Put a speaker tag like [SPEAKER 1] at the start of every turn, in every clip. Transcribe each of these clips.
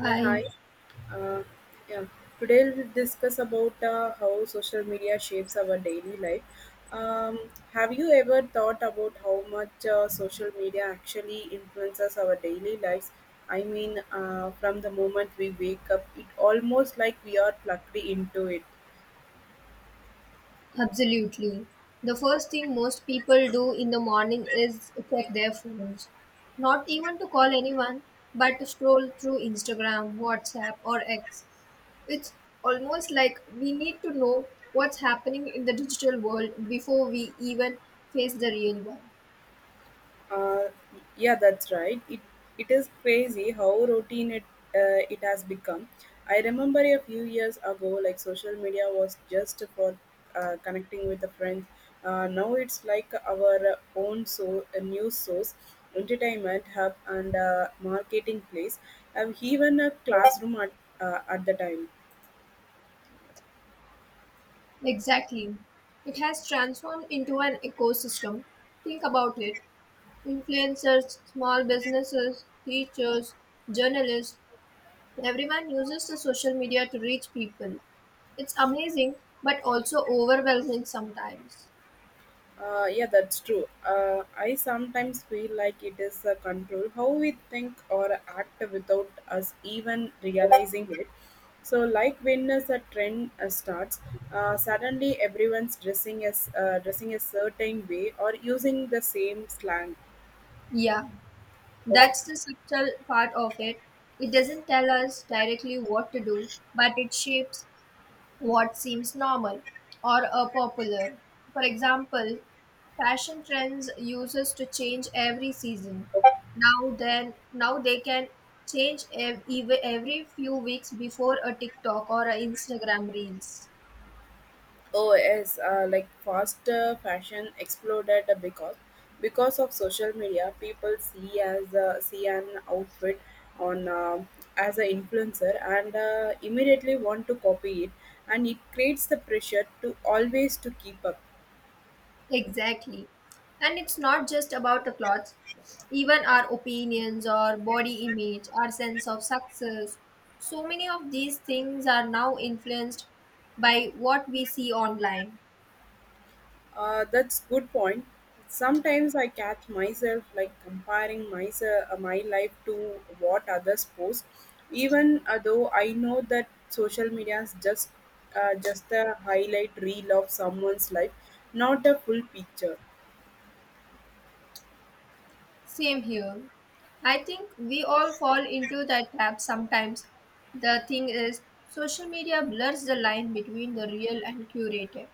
[SPEAKER 1] Yeah, hi. Uh, yeah, today we'll discuss about how social media shapes our daily life. Um, have you ever thought about how much social media actually influences our daily lives? I mean, from the moment we wake up, it almost like we are plugged into it.
[SPEAKER 2] absolutely. The first thing most people do in the morning is check their phones. Not even to call anyone, but to scroll through Instagram, WhatsApp, or X. It's almost like we need to know what's happening in the digital world before we even face the real one.
[SPEAKER 1] Uh, yeah, that's right. It is crazy how routine it has become. I remember a few years ago, like social media was just for connecting with the friends. Now it's like our own so news source, entertainment hub, and marketing place. I've even a classroom at the time.
[SPEAKER 2] Exactly. It has transformed into an ecosystem. Think about it. Influencers, small businesses, teachers, journalists, everyone uses the social media to reach people. It's amazing but also overwhelming sometimes.
[SPEAKER 1] Yeah, that's true. I sometimes feel like it is a control how we think or act without us even realizing it. So, like when is a trend starts, suddenly everyone's dressing a certain way or using the same slang.
[SPEAKER 2] Yeah, that's the subtle part of it. It doesn't tell us directly what to do, but it shapes what seems normal or popular. For example, fashion trends uses to change every season. Now then, now they can change every few weeks before a TikTok or a Instagram reels.
[SPEAKER 1] Oh yes, like fast fashion exploded because of social media. People see an outfit on as an influencer and immediately want to copy it, and it creates the pressure to always to keep up.
[SPEAKER 2] Exactly. And it's not just about the clothes. Even our opinions, our body image, our sense of success. So many of these things are now influenced by what we see online.
[SPEAKER 1] That's good point. Sometimes I catch myself like comparing myself my life to what others post, even though I know that social media is just a highlight reel of someone's life, not a full picture.
[SPEAKER 2] Same here. I think we all fall into that trap sometimes. The thing is, social media blurs the line between the real and curated.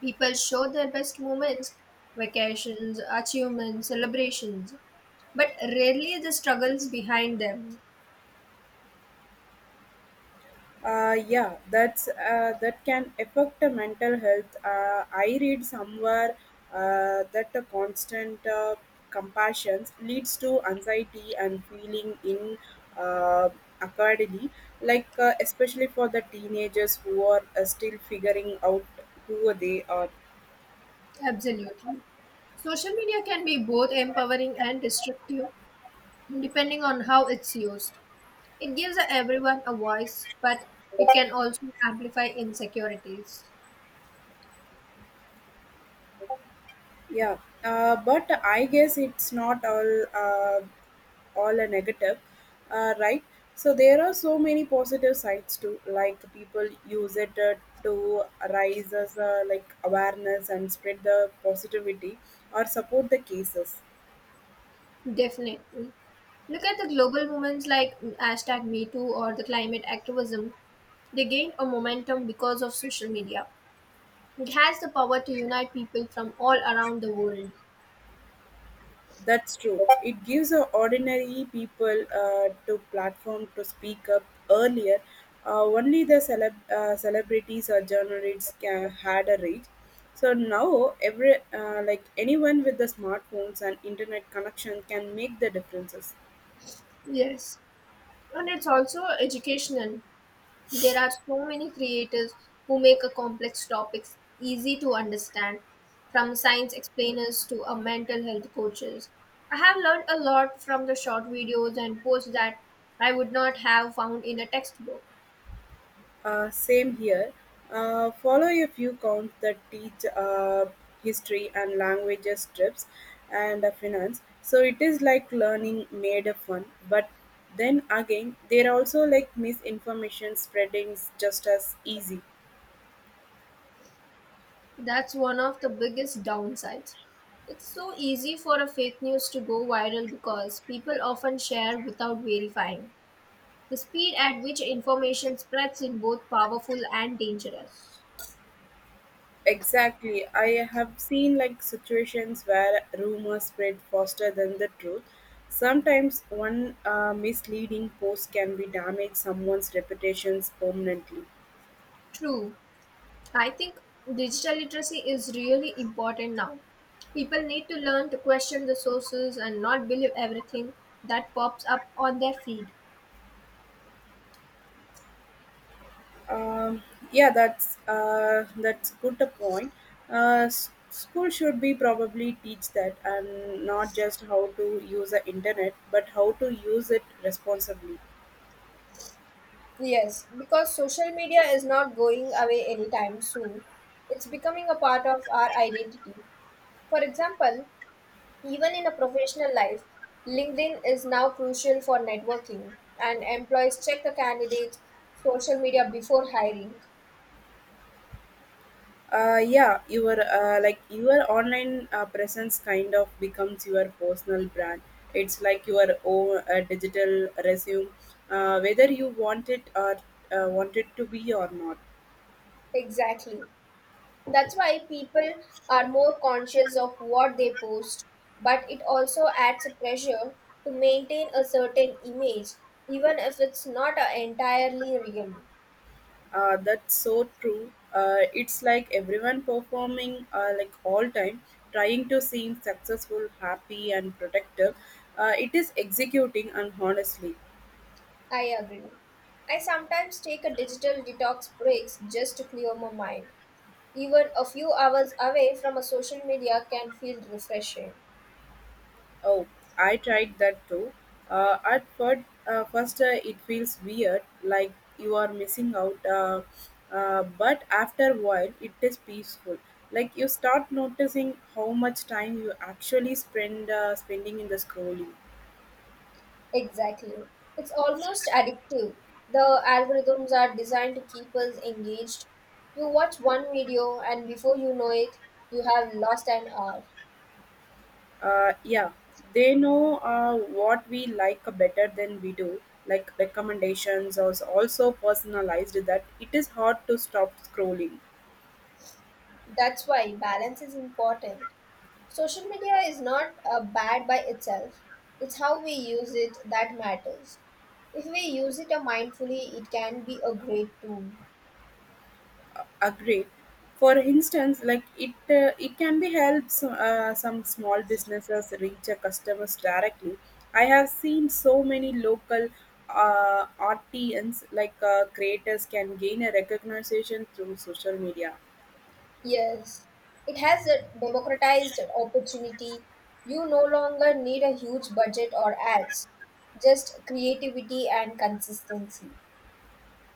[SPEAKER 2] People show their best moments, vacations, achievements, celebrations, but rarely the struggles behind them.
[SPEAKER 1] Yeah, that can affect the mental health. I read somewhere that the constant compassion leads to anxiety and feeling in uh, accordingly, like especially for the teenagers who are still figuring out who they are.
[SPEAKER 2] Absolutely. Social media can be both empowering and destructive, depending on how it's used. It gives everyone a voice, but it can also amplify insecurities.
[SPEAKER 1] Yeah, but I guess it's not all a negative, right? So there are so many positive sides too. Like people use it to raise as like awareness and spread the positivity or support the cases.
[SPEAKER 2] Definitely. Look at the global movements like hashtag MeToo or the climate activism. They gained a momentum because of social media. It has the power to unite people from all around the world.
[SPEAKER 1] That's true. It gives ordinary people to platform to speak up earlier. Only the celebrities or journalists can, had a reach. So now, every like anyone with the smartphones and internet connection can make the differences.
[SPEAKER 2] Yes, and it's also educational. There are so many creators who make a complex topics easy to understand, from science explainers to a mental health coaches. I have learned a lot from the short videos and posts that I would not have found in a textbook.
[SPEAKER 1] Same here. Follow a few counts that teach history and languages, trips, and finance. So it is like learning made of fun. But then again, there are also like misinformation spreading just as easy.
[SPEAKER 2] That's one of the biggest downsides. It's so easy for a fake news to go viral because people often share without verifying. The speed at which information spreads is both powerful and dangerous.
[SPEAKER 1] Exactly. I have seen like situations where rumors spread faster than the truth. Sometimes one misleading post can be damage someone's reputations permanently.
[SPEAKER 2] True. I think digital literacy is really important now. People need to learn to question the sources and not believe everything that pops up on their feed.
[SPEAKER 1] Um, yeah, that's good a point. School should be probably teach that, and not just how to use the internet, but how to use it responsibly.
[SPEAKER 2] Yes, because social media is not going away anytime soon. It's becoming a part of our identity. For example, even in a professional life, LinkedIn is now crucial for networking, and employees check the candidate's social media before hiring.
[SPEAKER 1] Yeah, your like your online presence kind of becomes your personal brand. It's like your own digital resume, whether you want it or want it to be or not.
[SPEAKER 2] Exactly. That's why people are more conscious of what they post, but it also adds a pressure to maintain a certain image, even if it's not a entirely real.
[SPEAKER 1] That's so true, it's like everyone performing like all time trying to seem successful, happy and protective, it is executing and honestly.
[SPEAKER 2] I agree. I sometimes take a digital detox breaks just to clear my mind. Even a few hours away from a social media can feel refreshing.
[SPEAKER 1] Oh, I tried that too, at first, it feels weird like you are missing out, but after a while it is peaceful, like you start noticing how much time you actually spending in the scrolling.
[SPEAKER 2] Exactly. It's almost addictive. The algorithms are designed to keep us engaged. You watch one video, and before you know it, you have lost an hour.
[SPEAKER 1] Yeah, they know what we like better than we do. Like recommendations are also personalized that it is hard to stop scrolling.
[SPEAKER 2] That's why balance is important. Social media is not bad by itself, it's how we use it that matters. If we use it mindfully, it can be a great tool.
[SPEAKER 1] Agreed. For instance, like it can be helps some small businesses reach a customers directly. I have seen so many local artisans like creators can gain a recognition through social media.
[SPEAKER 2] Yes, it has a democratized opportunity. You no longer need a huge budget or ads, just creativity and consistency.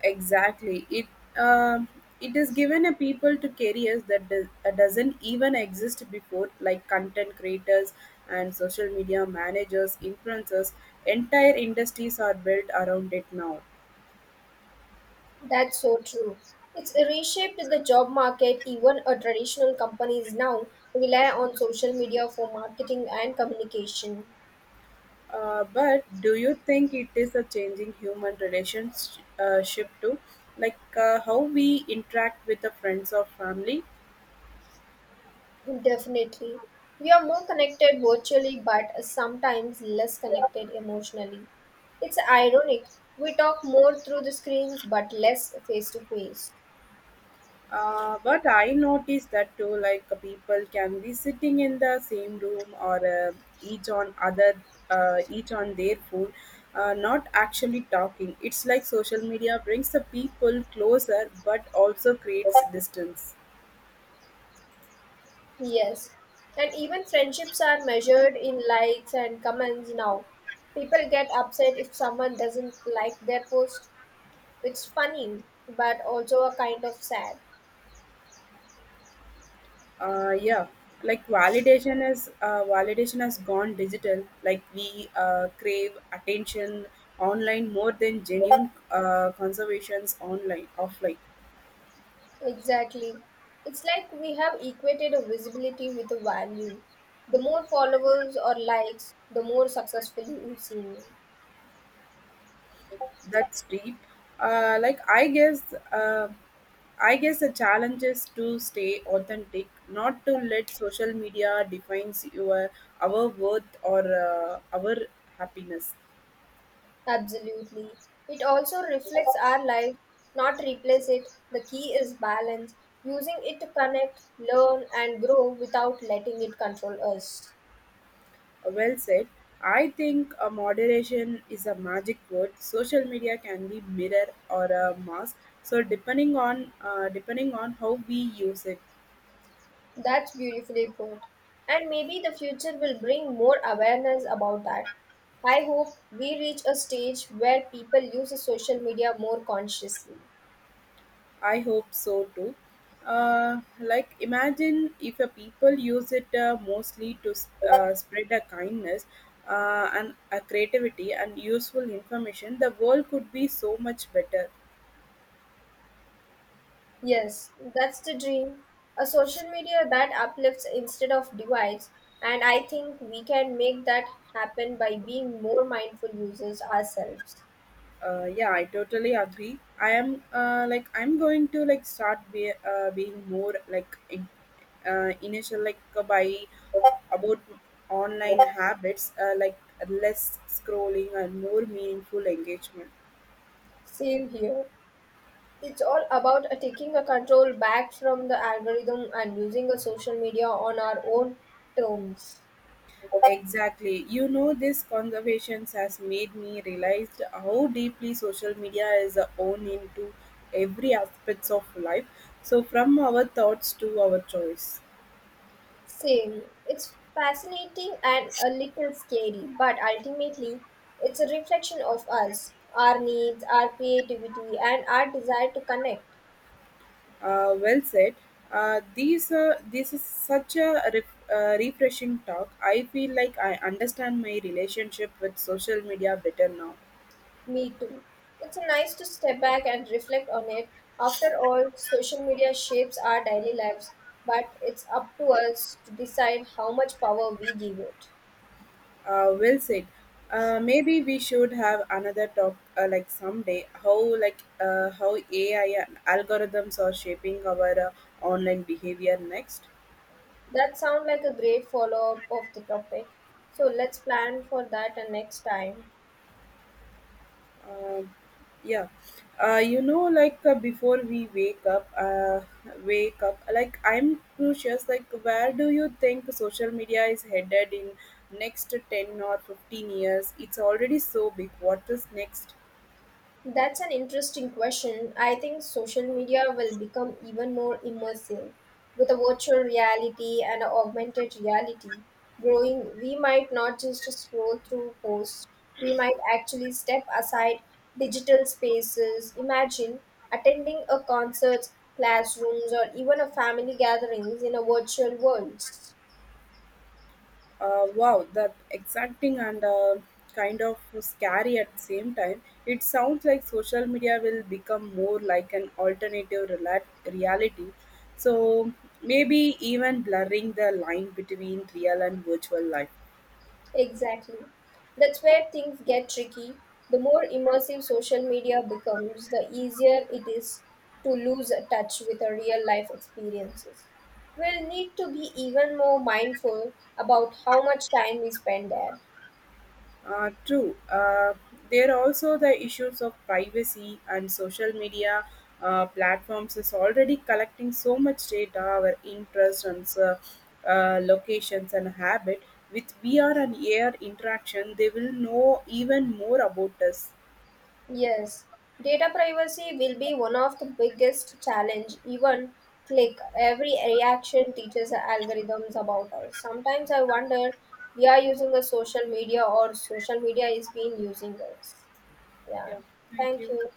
[SPEAKER 1] Exactly. Um it is given a people to careers that doesn't even exist before, like content creators and social media managers, influencers. Entire industries are built around it now.
[SPEAKER 2] That's so true. It's reshaped the job market. Even a traditional companies now rely on social media for marketing and communication.
[SPEAKER 1] But do you think it is a changing human relationship ship too, like how we interact with the friends or family?
[SPEAKER 2] Definitely. We are more connected virtually but sometimes less connected emotionally. It's ironic. We talk more through the screens but less face to face.
[SPEAKER 1] But I noticed that too, like people can be sitting in the same room or each on other, each on their phone, not actually talking. It's like social media brings the people closer, but also creates distance.
[SPEAKER 2] Yes. And even friendships are measured in likes and comments now. People get upset if someone doesn't like their post. It's funny but also a kind of sad.
[SPEAKER 1] Yeah, like validation has gone digital. Like we crave attention online more than genuine conservations online offline.
[SPEAKER 2] Exactly. It's like we have equated a visibility with a value. The more followers or likes, the more successful you seem.
[SPEAKER 1] That's deep. Like I guess the challenge is to stay authentic, not to let social media defines your our worth or our happiness.
[SPEAKER 2] Absolutely. It also reflects our life, not replace it. The key is balance, using it to connect, learn, and grow without letting it control us.
[SPEAKER 1] Well said. I think a moderation is a magic word. Social media can be mirror or a mask. So depending on how we use it.
[SPEAKER 2] That's beautifully put. And maybe the future will bring more awareness about that. I hope we reach a stage where people use social media more consciously.
[SPEAKER 1] I hope so too. Like, imagine if a people use it mostly to spread a kindness and a creativity and useful information, the world could be so much better.
[SPEAKER 2] Yes, that's the dream. A social media that uplifts instead of divides, and I think we can make that happen by being more mindful users ourselves.
[SPEAKER 1] Yeah, I totally agree. I am, like I'm going to like being more like in, initial like by about online habits, like less scrolling and more meaningful engagement.
[SPEAKER 2] Same here. It's all about taking a control back from the algorithm and using a social media on our own terms.
[SPEAKER 1] Exactly. You know, this conversations has made me realize how deeply social media is owned into every aspects of life. So, from our thoughts to our choice.
[SPEAKER 2] Same. It's fascinating and a little scary, but ultimately, it's a reflection of us, our needs, our creativity, and our desire to connect.
[SPEAKER 1] Well said. These This is such a refreshing talk. I feel like I understand my relationship with social media better now.
[SPEAKER 2] Me too. It's nice to step back and reflect on it. After all, social media shapes our daily lives, but it's up to us to decide how much power we give it.
[SPEAKER 1] Well said. Maybe we should have another talk like someday how how AI and algorithms are shaping our online behavior next.
[SPEAKER 2] That sounds like a great follow up of the topic. So let's plan for that next time.
[SPEAKER 1] Um yeah, you know like before we wake up, wake up, like I'm curious like where do you think social media is headed in next 10 or 15 years? It's already so big. What is next?
[SPEAKER 2] That's an interesting question. I think social media will become even more immersive with a virtual reality and a augmented reality growing. We might not just scroll through posts. We might actually step aside digital spaces. Imagine attending a concert, classrooms, or even a family gatherings in a virtual world.
[SPEAKER 1] Wow, that exacting and kind of scary at the same time. It sounds like social media will become more like an alternative reality. So maybe even blurring the line between real and virtual life.
[SPEAKER 2] Exactly. That's where things get tricky. The more immersive social media becomes, the easier it is to lose touch with our real life experiences. We'll need to be even more mindful about how much time we spend there.
[SPEAKER 1] True. There are also the issues of privacy and social media platforms is already collecting so much data, our interests and locations and habit. With VR and AR interaction, they will know even more about us.
[SPEAKER 2] Yes, data privacy will be one of the biggest challenge. Even click, every reaction teaches the algorithms about us. Sometimes I wonder we are using a social media or social media is being using us. Yeah.
[SPEAKER 1] Yeah. Thank
[SPEAKER 2] Thank
[SPEAKER 1] you.
[SPEAKER 2] you.